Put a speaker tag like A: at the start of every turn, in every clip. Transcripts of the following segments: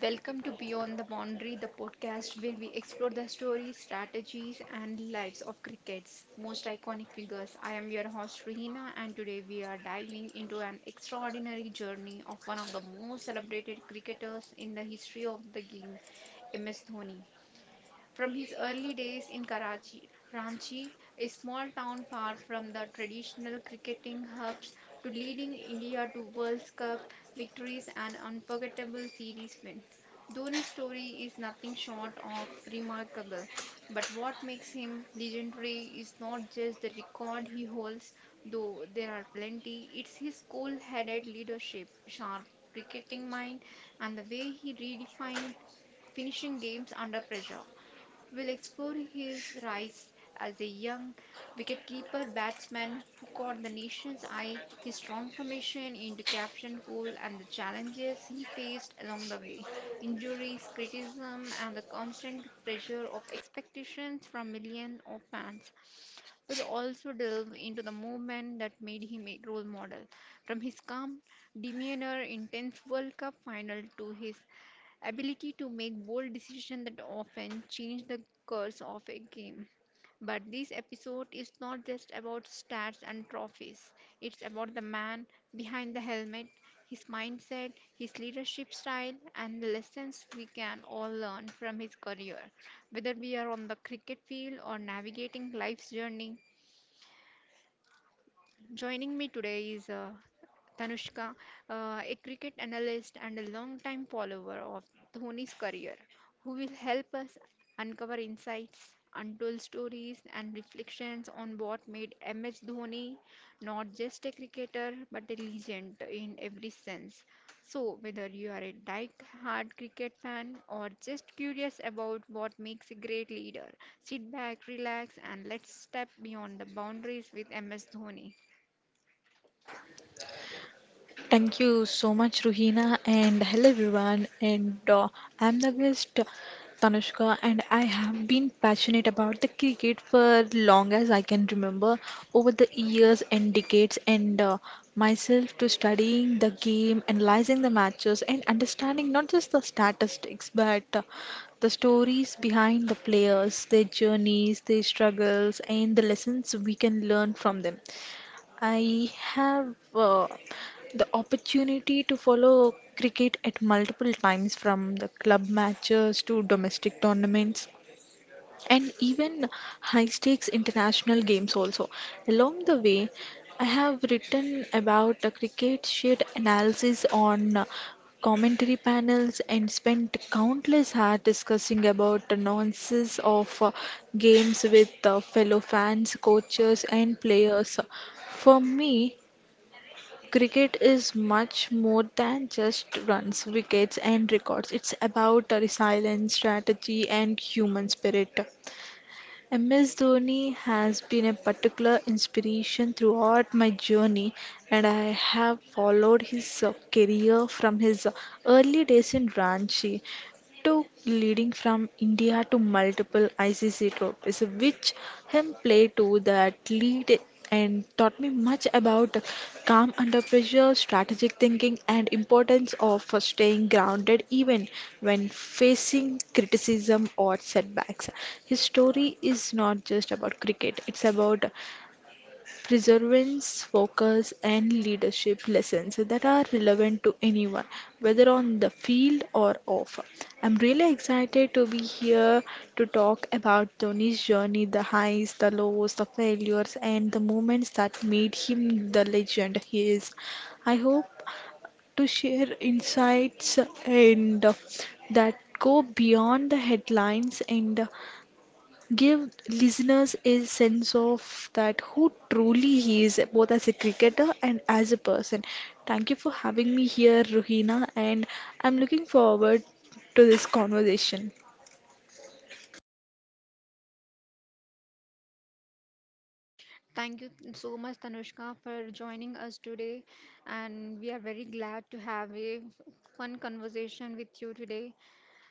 A: Welcome to Beyond the Boundary, the podcast where we explore the stories, strategies, and lives of cricket's most iconic figures. I am your host Rihina, and today we are diving into an extraordinary journey of one of the most celebrated cricketers in the history of the game, MS Dhoni. From his early days in Karachi, Ranchi, a small town far from the traditional cricketing hubs, to leading India to World Cup victories and unforgettable series win. Dhoni's story is nothing short of remarkable, but what makes him legendary is not just the record he holds, though there are plenty. It's his cool headed leadership, sharp cricketing mind, and the way he redefined finishing games under pressure. We'll explore his rise as a young wicketkeeper batsman who caught the nation's eye, his transformation into Captain Cole, and the challenges he faced along the way: injuries, criticism, and the constant pressure of expectations from millions of fans. We'll also delve into the movement that made him a role model, from his calm demeanor in 10th World Cup final to his ability to make bold decisions that often change the course of a game. But this episode is not just about stats and trophies, it's about the man behind the helmet, his mindset, his leadership style, and the lessons we can all learn from his career, whether we are on the cricket field or navigating life's journey. Joining me today is Tanushka, a cricket analyst and a long-time follower of Dhoni's career, who will help us uncover insights, untold stories, and reflections on what made MS Dhoni not just a cricketer but a legend in every sense. So, whether you are a die-hard cricket fan or just curious about what makes a great leader, sit back, relax, and let's step beyond the boundaries with MS Dhoni.
B: Thank you so much, Ruhina, and hello everyone. And I'm the guest Tanushka, and I have been passionate about the cricket for long as I can remember, over the years and decades, and myself to studying the game, analyzing the matches, and understanding not just the statistics but the stories behind the players, their journeys, their struggles, and the lessons we can learn from them. I have the opportunity to follow cricket at multiple times from the club matches to domestic tournaments and even high stakes international games also. Along the way, I have written about the cricket shed analysis on commentary panels and spent countless hours discussing about the nuances of games with fellow fans, coaches, and players. For me, cricket is much more than just runs, wickets, and records. It's about a resilience, strategy, and human spirit. MS Dhoni has been a particular inspiration throughout my journey, and I have followed his career from his early days in Ranchi to leading from India to multiple ICC trophies, which him play to that lead and taught me much about calm under pressure, strategic thinking, and importance of staying grounded even when facing criticism or setbacks. His story is not just about cricket; it's about perseverance, focus, and leadership lessons that are relevant to anyone, whether on the field or off. I'm really excited to be here to talk about Dhoni's journey, the highs, the lows, the failures, and the moments that made him the legend he is. I hope to share insights and that go beyond the headlines and give listeners a sense of that who truly he is, both as a cricketer and as a person. Thank you for having me here, Ruhina, and I'm looking forward to this conversation.
A: Thank you so much, Tanushka, for joining us today. And we are very glad to have a fun conversation with you today.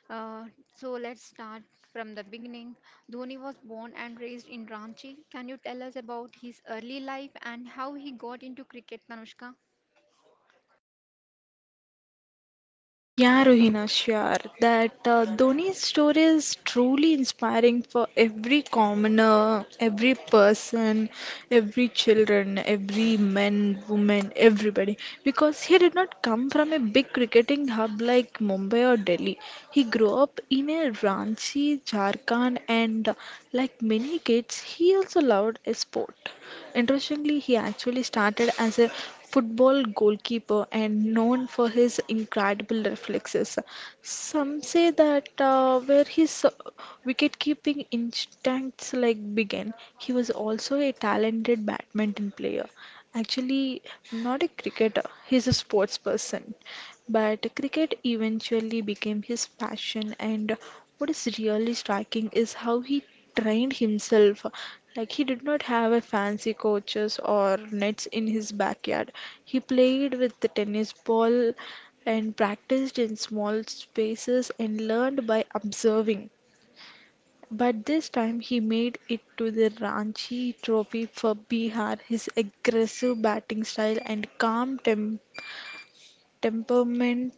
A: Uh, so let's start from the beginning. Dhoni was born and raised in Ranchi. Can you tell us about his early life and how he got into cricket, Tanushka?
B: Yeah, Ruhina, sure. That Dhoni's story is truly inspiring for every commoner, every person, every children, every man, woman, everybody. Because he did not come from a big cricketing hub like Mumbai or Delhi. He grew up in a Ranchi, Jharkhand, and like many kids, he also loved a sport. Interestingly, he actually started as a football goalkeeper and known for his incredible reflexes. Some say that where his wicket-keeping instincts like began, he was also a talented badminton player. Actually, not a cricketer, he's a sports person. But cricket eventually became his passion, and what is really striking is how he trained himself. Like, he did not have a fancy coaches or nets in his backyard. He played with the tennis ball and practiced in small spaces and learned by observing. But this time he made it to the Ranchi Trophy for Bihar. His aggressive batting style and calm temperament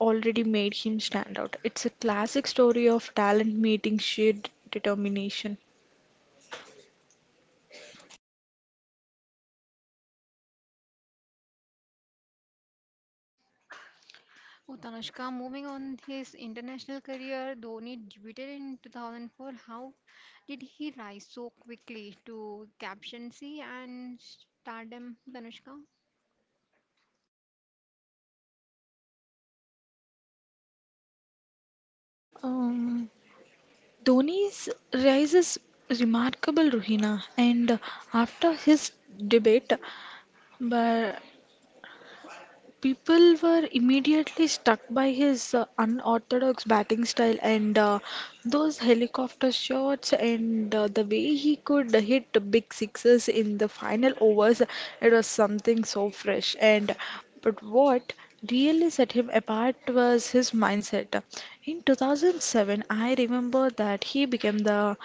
B: already made him stand out. It's a classic story of talent meeting sheer determination.
A: Oh, Tanushka, moving on his international career, Dhoni debuted in 2004. How did he rise so quickly to captaincy and stardom, Tanushka?
B: Um, Dhoni's rise is remarkable, Ruhina, and after his debate, but people were immediately struck by his unorthodox batting style and those helicopter shots and the way he could hit big sixes in the final overs. It was something so fresh. And but what really set him apart was his mindset. In 2007, I remember that he became the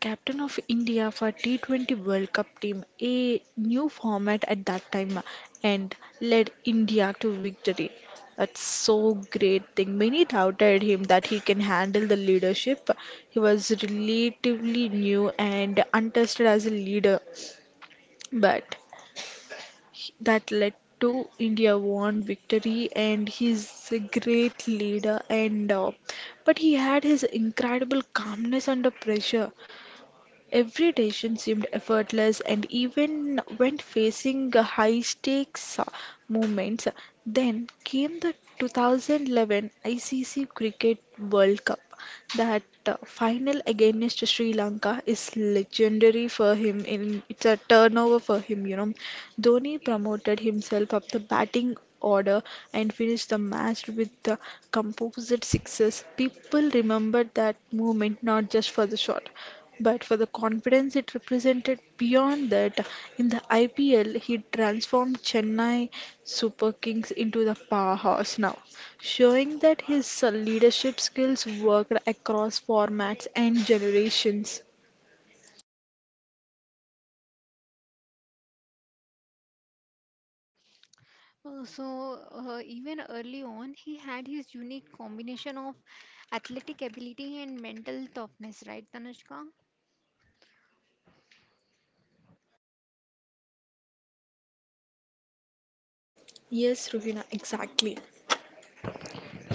B: Captain of India for T20 World Cup team, a new format at that time, and led India to victory. That's so great thing. Many doubted him that he can handle the leadership. He was relatively new and untested as a leader, but that led to India won victory and he's a great leader and but he had his incredible calmness under pressure. Every decision seemed effortless, and even when facing high stakes moments, then came the 2011 ICC Cricket World Cup. That final against Sri Lanka is legendary for him. In it's a turnover for him, you know. Dhoni promoted himself up the batting order and finished the match with the composite sixes. People remembered that moment not just for the shot but for the confidence it represented beyond that, in the IPL, he transformed Chennai Super Kings into the powerhouse now, showing that his leadership skills worked across formats and generations.
A: So, even early on, he had his unique combination of athletic ability and mental toughness, right, Tanushka?
B: Yes, Ruhina, exactly.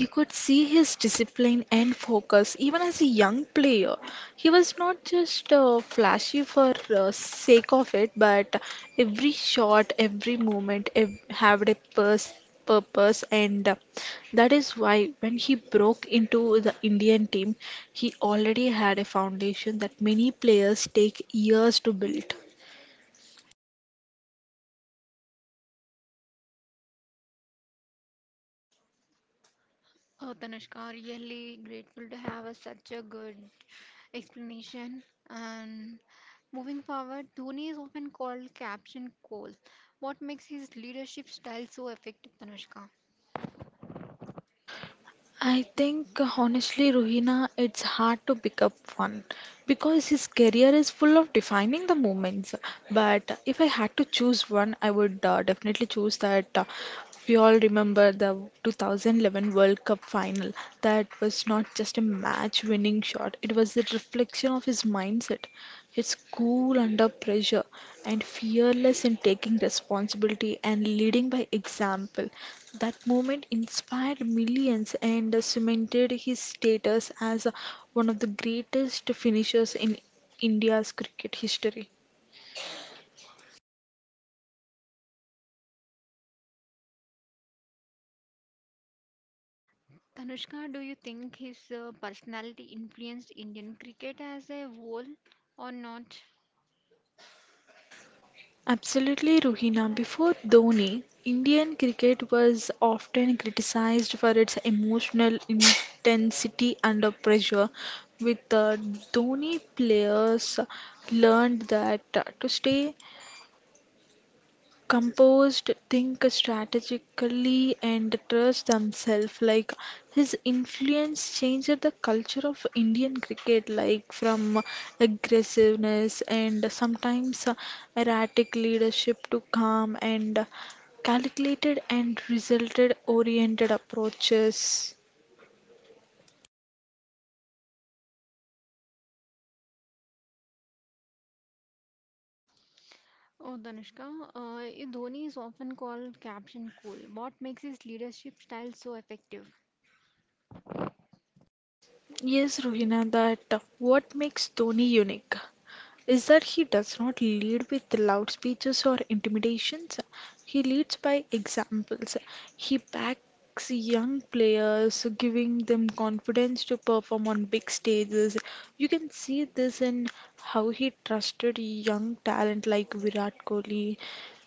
B: You could see his discipline and focus even as a young player. He was not just flashy for sake of it, but every shot, had a purpose, and that is why when he broke into the Indian team, he already had a foundation that many players take years to build.
A: Oh, Tanushka, really grateful to have a, such a good explanation. And moving forward, Dhoni is often called Captain Cole. What makes his leadership style so effective, Tanushka?
B: I think honestly, Ruhina, it's hard to pick up one because his career is full of defining the moments. But if I had to choose one, I would definitely choose that. We all remember the 2011 World Cup final. That was not just a match-winning shot; it was a reflection of his mindset. It's cool under pressure and fearless in taking responsibility and leading by example. That moment inspired millions and cemented his status as one of the greatest finishers in India's cricket history.
A: Tanushka, do you think his personality influenced Indian cricket as a whole or not?
B: Absolutely, Ruhina. Before Dhoni, Indian cricket was often criticized for its emotional intensity under pressure. With Dhoni, players learned that to stay composed, think strategically, and trust themselves. Like his influence changed the culture of Indian cricket, like from aggressiveness and sometimes erratic leadership to calm and calculated and resulted oriented approaches.
A: Oh, Danushka, Dhoni is often called Captain Cool. What makes his leadership style so effective?
B: Yes, Rohina, that what makes Dhoni unique is that he does not lead with loud speeches or intimidations. He leads by examples. He backs young players, giving them confidence to perform on big stages. You can see this in how he trusted young talent like Virat Kohli,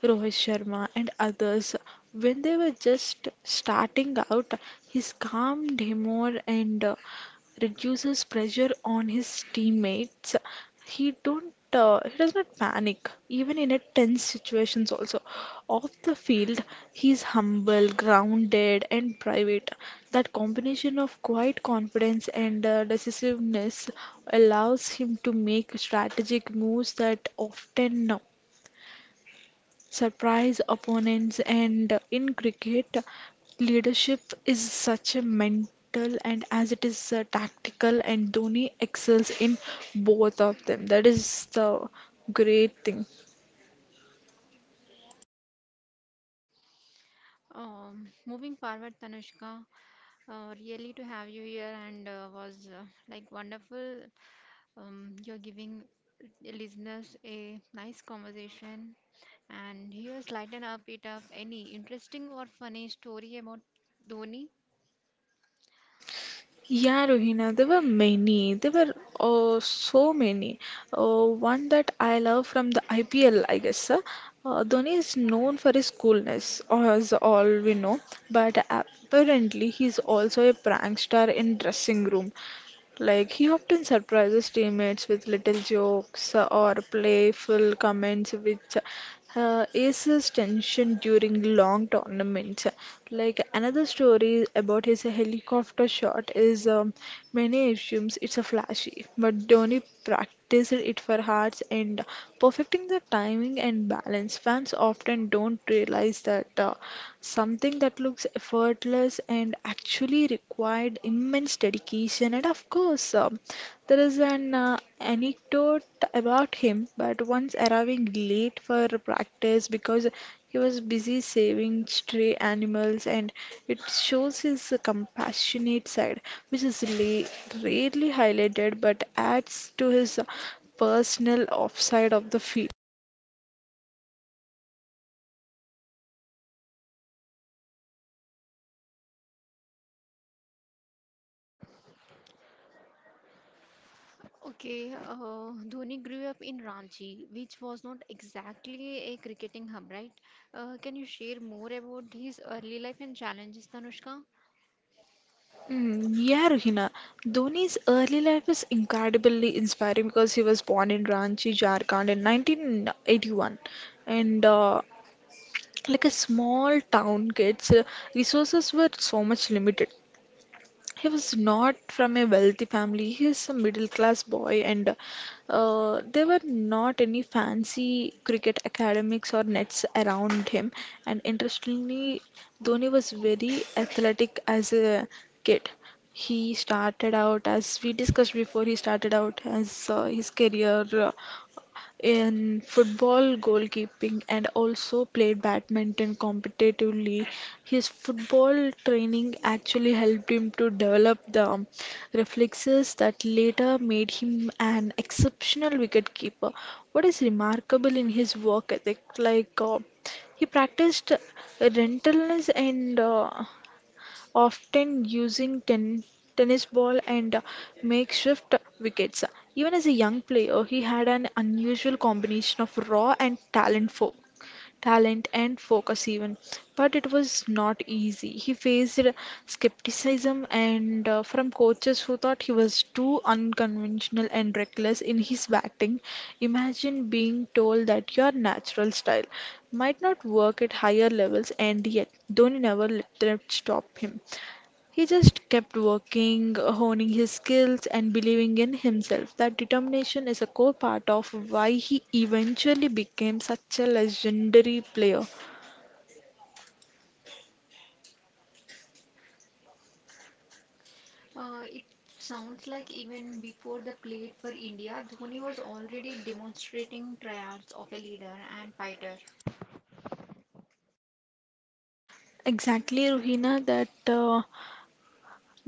B: Rohit Sharma, and others. When they were just starting out, his calm demeanor and reduces pressure on his teammates. He don't he does not panic even in a tense situations also. Off the field, he's humble, grounded, and private. That combination of quiet confidence and decisiveness allows him to make strategic moves that often surprise opponents. And in cricket, leadership is such a mental and as it is tactical, and Dhoni excels in both of them. That is the great thing.
A: Moving forward, Tanushka, really to have you here and was like wonderful. You're giving listeners a nice conversation, and here's lighten up it up any interesting or funny story about Dhoni?
B: Yeah, Rohina, there were many. There were so many One that I love from the IPL. Dhoni is known for his coolness, as all we know, but apparently he's also a prankster in dressing room. Like, he often surprises teammates with little jokes or playful comments, which eases tension during long tournaments. Like, another story about his helicopter shot is many assumes it's a flashy, but Dhoni practiced it for hours and perfecting the timing and balance. Fans often don't realize that. Something that looks effortless and actually required immense dedication. And of course, there is an anecdote about him, but once arriving late for practice because he was busy saving stray animals, and it shows his compassionate side, which is rarely highlighted but adds to his personal offside of the field.
A: Okay, Dhoni grew up in Ranchi, which was not exactly a cricketing hub, right? Can you share more about his early life and challenges, Tanushka?
B: Mm, yeah, Ruhina. Dhoni's early life is incredibly inspiring because he was born in Ranchi, Jharkhand in 1981. And like a small town kids, resources were so much limited. He was not from a wealthy family. He is a middle class boy, and there were not any fancy cricket academics or nets around him. And interestingly, Dhoni was very athletic as a kid. He started out as his career in football goalkeeping and also played badminton competitively. His football training actually helped him to develop the reflexes that later made him an exceptional wicketkeeper. What is remarkable in his work ethic, like he practiced relentless and often using tennis ball and makeshift wickets. Even as a young player, he had an unusual combination of raw and talent for talent and focus even, but it was not easy. He faced skepticism and from coaches who thought he was too unconventional and reckless in his batting. Imagine being told that your natural style might not work at higher levels, and yet Dhoni never let that stop him. He just kept working, honing his skills, and believing in himself. That determination is a core part of why he eventually became such a legendary player.
A: It sounds like even before the played for India, Dhoni was already demonstrating traits of a leader and fighter.
B: Exactly, Ruhina, that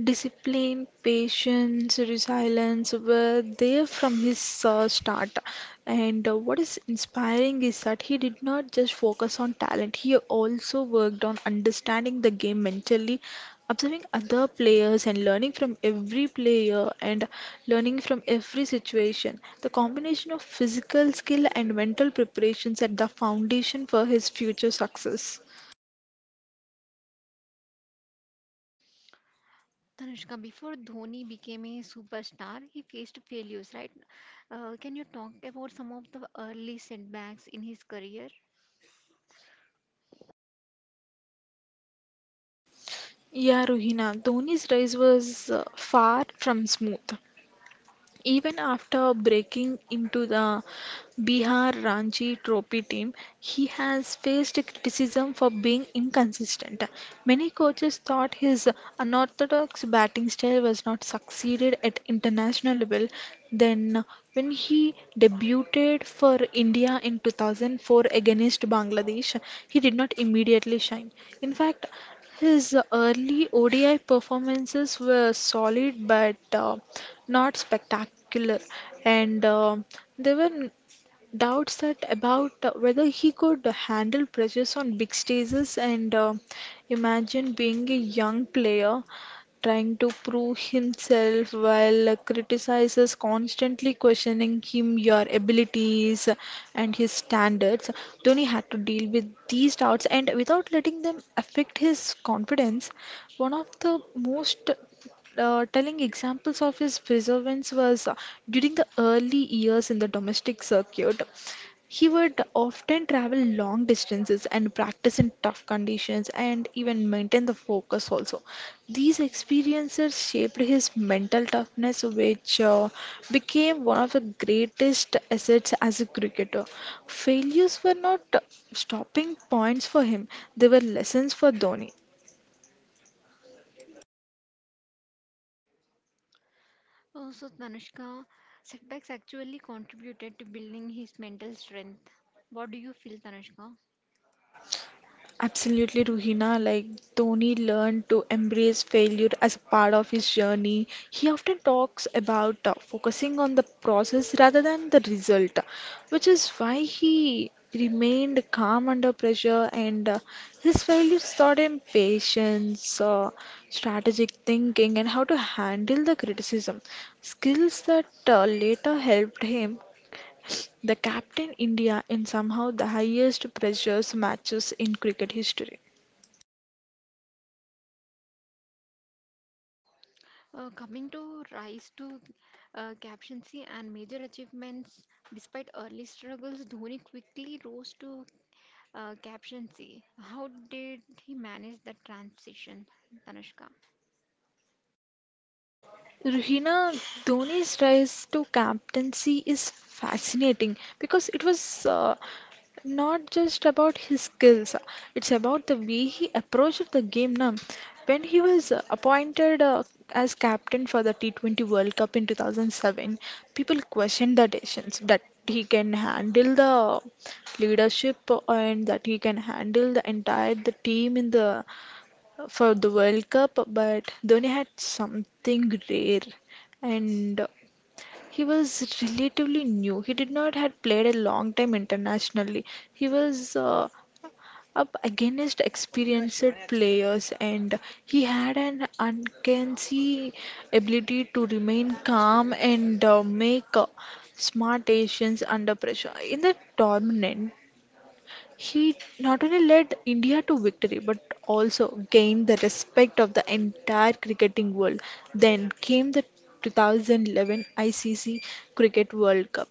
B: discipline, patience, resilience were there from his start. And what is inspiring is that he did not just focus on talent, he also worked on understanding the game mentally, observing other players, and learning from every situation. The combination of physical skill and mental preparation set the foundation for his future success.
A: Tanushka, before Dhoni became a superstar, he faced failures, right? Can you talk about some of the early setbacks in his career?
B: Yeah, Ruhina, Dhoni's rise was far from smooth. Even after breaking into the Bihar Ranji Trophy team, he has faced criticism for being inconsistent. Many coaches thought his unorthodox batting style was not succeeded at international level. Then, when he debuted for India in 2004 against Bangladesh, he did not immediately shine. In fact, his early ODI performances were solid, but not spectacular, and there were doubts that about whether he could handle pressures on big stages. And imagine being a young player trying to prove himself while criticizers constantly questioning him, your abilities, and his standards. Dhoni had to deal with these doubts and without letting them affect his confidence. One of the most telling examples of his perseverance was during the early years in the domestic circuit. He would often travel long distances and practice in tough conditions and even maintain the focus also. These experiences shaped his mental toughness, which became one of the greatest assets as a cricketer. Failures were not stopping points for him, they were lessons for Dhoni.
A: Oh, so Tanushka, setbacks actually contributed to building his mental strength. What do you feel, Tanushka?
B: Absolutely, Ruhina. Like Dhoni learned to embrace failure as a part of his journey. He often talks about focusing on the process rather than the result, which is why he remained calm under pressure and his failures taught him patience, strategic thinking, and how to handle the criticism. Skills that later helped him the captain India in somehow the highest pressures matches in cricket history.
A: Coming to rise to captaincy and major achievements, despite early struggles, Dhoni quickly rose to captaincy. How did he manage that transition, Tanushka?
B: Ruhina, Dhoni's rise to captaincy is fascinating because it was not just about his skills, it's about the way he approached the game now. When he was appointed as captain for the T20 World Cup in 2007, people questioned the decisions that he can handle the leadership and that he can handle the entire the team in the for the World Cup, but Dhoni had something rare and he was relatively new. He did not had played a long time internationally. He was up against experienced players and he had an uncanny ability to remain calm and make smart decisions under pressure. In the tournament, he not only led India to victory but also gained the respect of the entire cricketing world. Then came the 2011 ICC Cricket World Cup.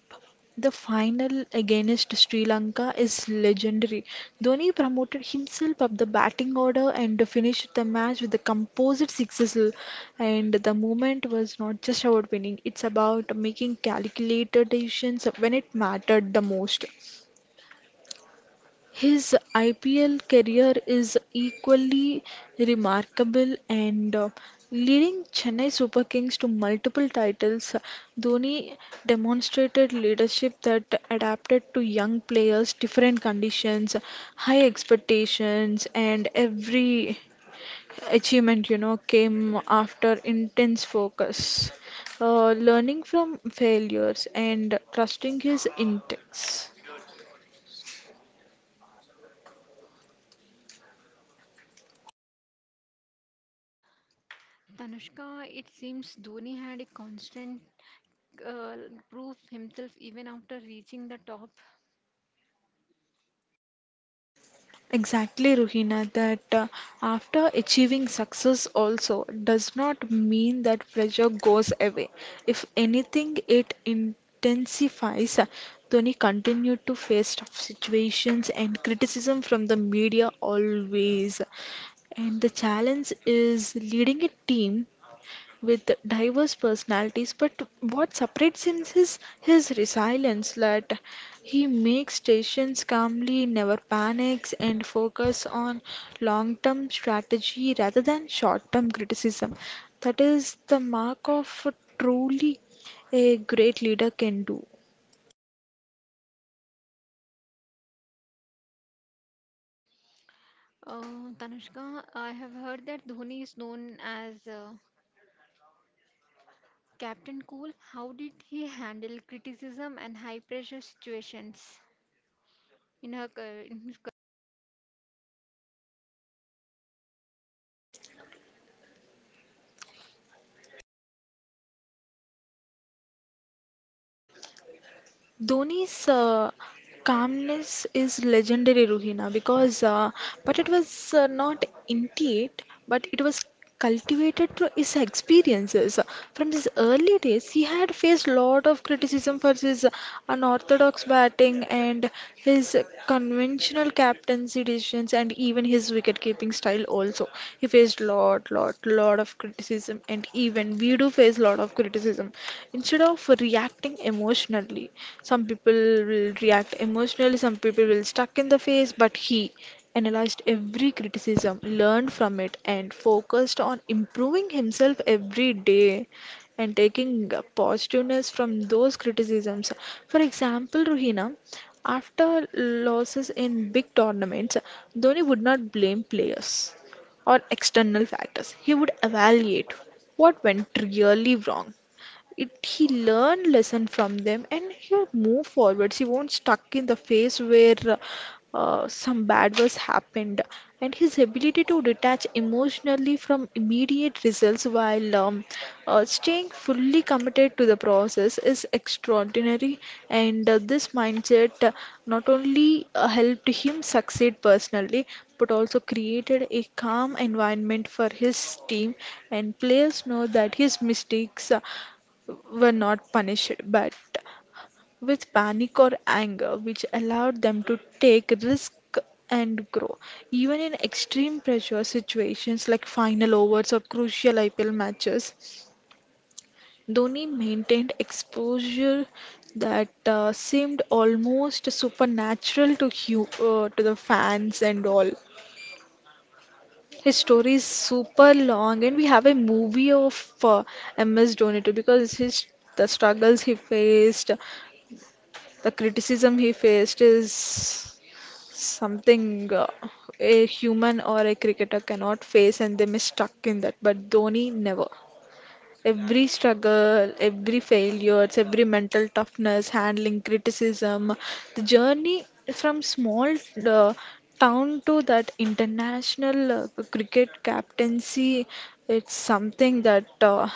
B: The final against Sri Lanka is legendary. Dhoni promoted himself up the batting order and finished the match with the composite sixes. And the moment was not just about winning, it's about making calculated decisions when it mattered the most. His IPL career is equally remarkable and, leading Chennai Super Kings to multiple titles, Dhoni demonstrated leadership that adapted to young players, different conditions, high expectations, and every achievement came after intense focus, learning from failures and trusting his instincts.
A: Tanushka, it seems Dhoni had a constant uh, prove himself even after reaching the top.
B: Exactly, Ruhina, that after achieving success also does not mean that pressure goes away. If anything, it intensifies. Dhoni continued to face tough situations and criticism from the media always. And the challenge is leading a team with diverse personalities, but what separates him is his resilience that he makes decisions calmly, never panics, and focus on long term strategy rather than short term criticism. That is the mark of a truly a great leader can do.
A: Tanushka, I have heard that Dhoni is known as Captain Cool. How did he handle criticism and high pressure situations? In her, ca- in his ca-
B: Dhoni's calmness is legendary, Ruhina, because but it was not innate, but it was cultivated through his experiences. From his early days, he had faced lot of criticism for his unorthodox batting and his conventional captaincy decisions and even his wicket-keeping style also. He faced lot, lot, lot of criticism and even we do face lot of criticism. Instead of reacting emotionally, some people will react emotionally, some people will stuck in the face, but he analyzed every criticism, learned from it and focused on improving himself every day and taking positiveness from those criticisms. For example, Ruhina, after losses in big tournaments, Dhoni would not blame players or external factors. He would evaluate what went really wrong, it he learned lesson from them and he'll move forwards, he won't stuck in the phase where some bad was happened, and his ability to detach emotionally from immediate results while staying fully committed to the process is extraordinary and, this mindset not only helped him succeed personally but also created a calm environment for his team, and players know that his mistakes were not punished, but with panic or anger, which allowed them to take risk and grow. Even in extreme pressure situations like final overs or crucial IPL matches, Dhoni maintained exposure that seemed almost supernatural to to the fans and all. His story is super long, and we have a movie of uh, MS Dhoni too because his the struggles he faced, the criticism he faced is something a human or a cricketer cannot face, and they may stuck in that. But Dhoni never. Every struggle, every failures, every mental toughness, handling criticism, the journey from small uh, town to that international cricket captaincy, it's something that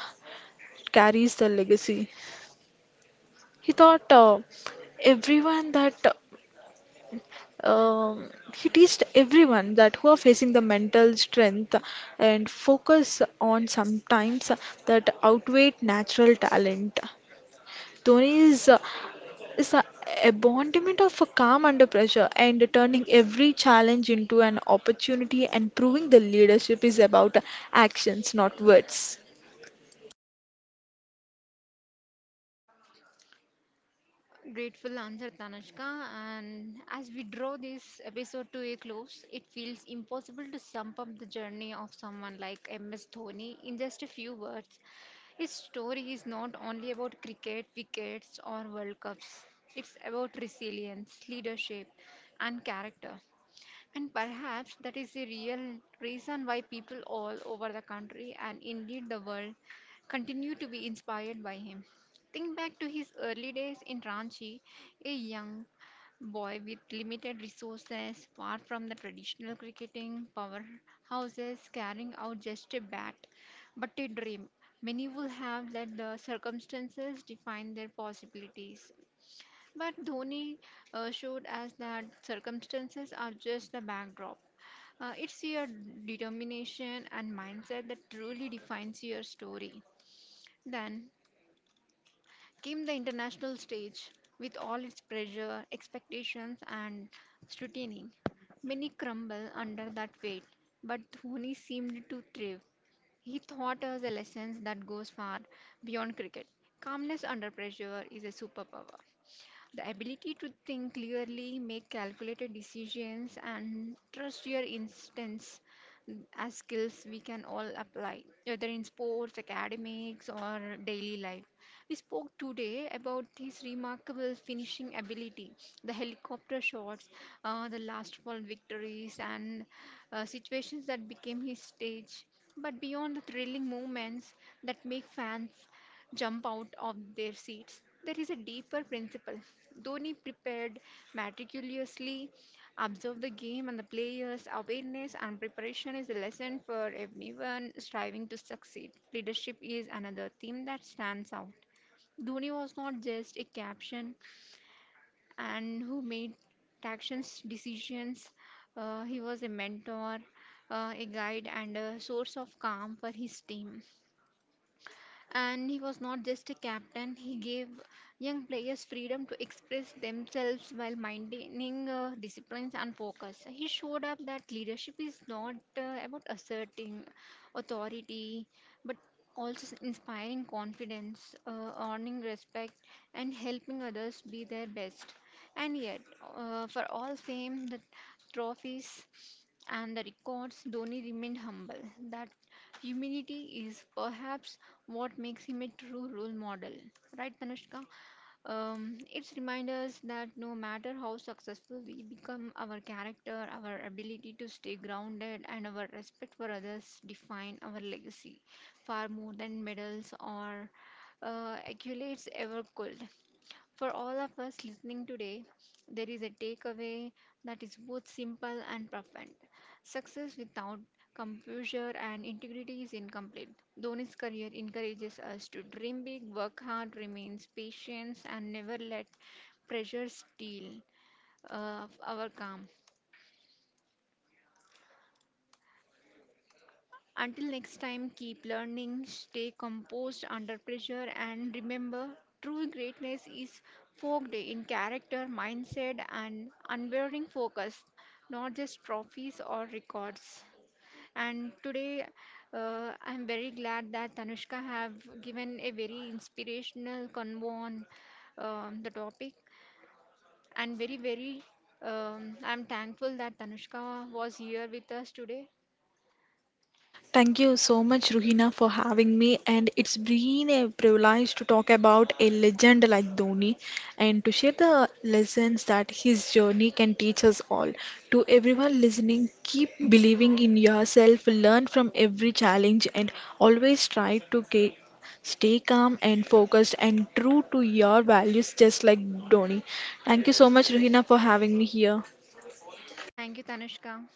B: carries the legacy. He thought everyone that he teached everyone that who are facing the mental strength and focus on sometimes that outweigh natural talent. Dhoni is a embodiment of a calm under pressure and turning every challenge into an opportunity and proving the leadership is about actions, not words.
A: grateful answer, Tanushka. And as we draw this episode to a close, it feels impossible to sum up the journey of someone like MS Dhoni in just a few words. His story is not only about cricket, wickets, or World Cups. It's about resilience, leadership, and character. And perhaps that is the real reason why people all over the country and indeed the world continue to be inspired by him. Think back to his early days in Ranchi, a young boy with limited resources, far from the traditional cricketing powerhouses, carrying out just a bat but a dream. Many would have let the circumstances define their possibilities. But Dhoni showed us that circumstances are just the backdrop. It's your determination and mindset that truly defines your story. Then came the international stage with all its pressure, expectations, and scrutiny. Many crumble under that weight, but Dhoni seemed to thrive. He taught us a lesson that goes far beyond cricket. Calmness under pressure is a superpower. The ability to think clearly, make calculated decisions, and trust your instincts as skills we can all apply, whether in sports, academics, or daily life. We spoke today about his remarkable finishing ability, the helicopter shots, the last ball victories, and situations that became his stage. But beyond the thrilling moments that make fans jump out of their seats, there is a deeper principle. Dhoni prepared meticulously, observed the game and the players. Awareness and preparation is a lesson for everyone striving to succeed. Leadership is another theme that stands out. Dhoni was not just a caption and who made actions, decisions. He was a mentor, a guide, and a source of calm for his team. And he was not just a captain, he gave young players freedom to express themselves while maintaining disciplines and focus. He showed up that leadership is not about asserting authority, but also inspiring confidence, earning respect, and helping others be their best. And yet, for all fame, the trophies, and the records, Dhoni remained humble. That humility is perhaps what makes him a true role model, right, Tanushka? It's remind us that no matter how successful we become, our character, our ability to stay grounded, and our respect for others define our legacy far more than medals or accolades ever could. For all of us listening today, there is a takeaway that is both simple and profound. Success without composure and integrity is incomplete. Dhoni's career encourages us to dream big, work hard, remain patient, and never let pressure steal our calm. Until next time, keep learning, stay composed under pressure, and remember true greatness is forged in character, mindset, and unwavering focus, not just trophies or records. And today, I'm very glad that Tanushka have given a very inspirational convo on the topic, and very very I'm thankful that Tanushka was here with us today.
B: Thank you so much, Ruhina, for having me. And it's been a privilege to talk about a legend like Dhoni and to share the lessons that his journey can teach us all. To everyone listening, keep believing in yourself, learn from every challenge, and always stay calm and focused and true to your values, just like Dhoni. Thank you so much, Ruhina, for having me here.
A: Thank you, Tanushka.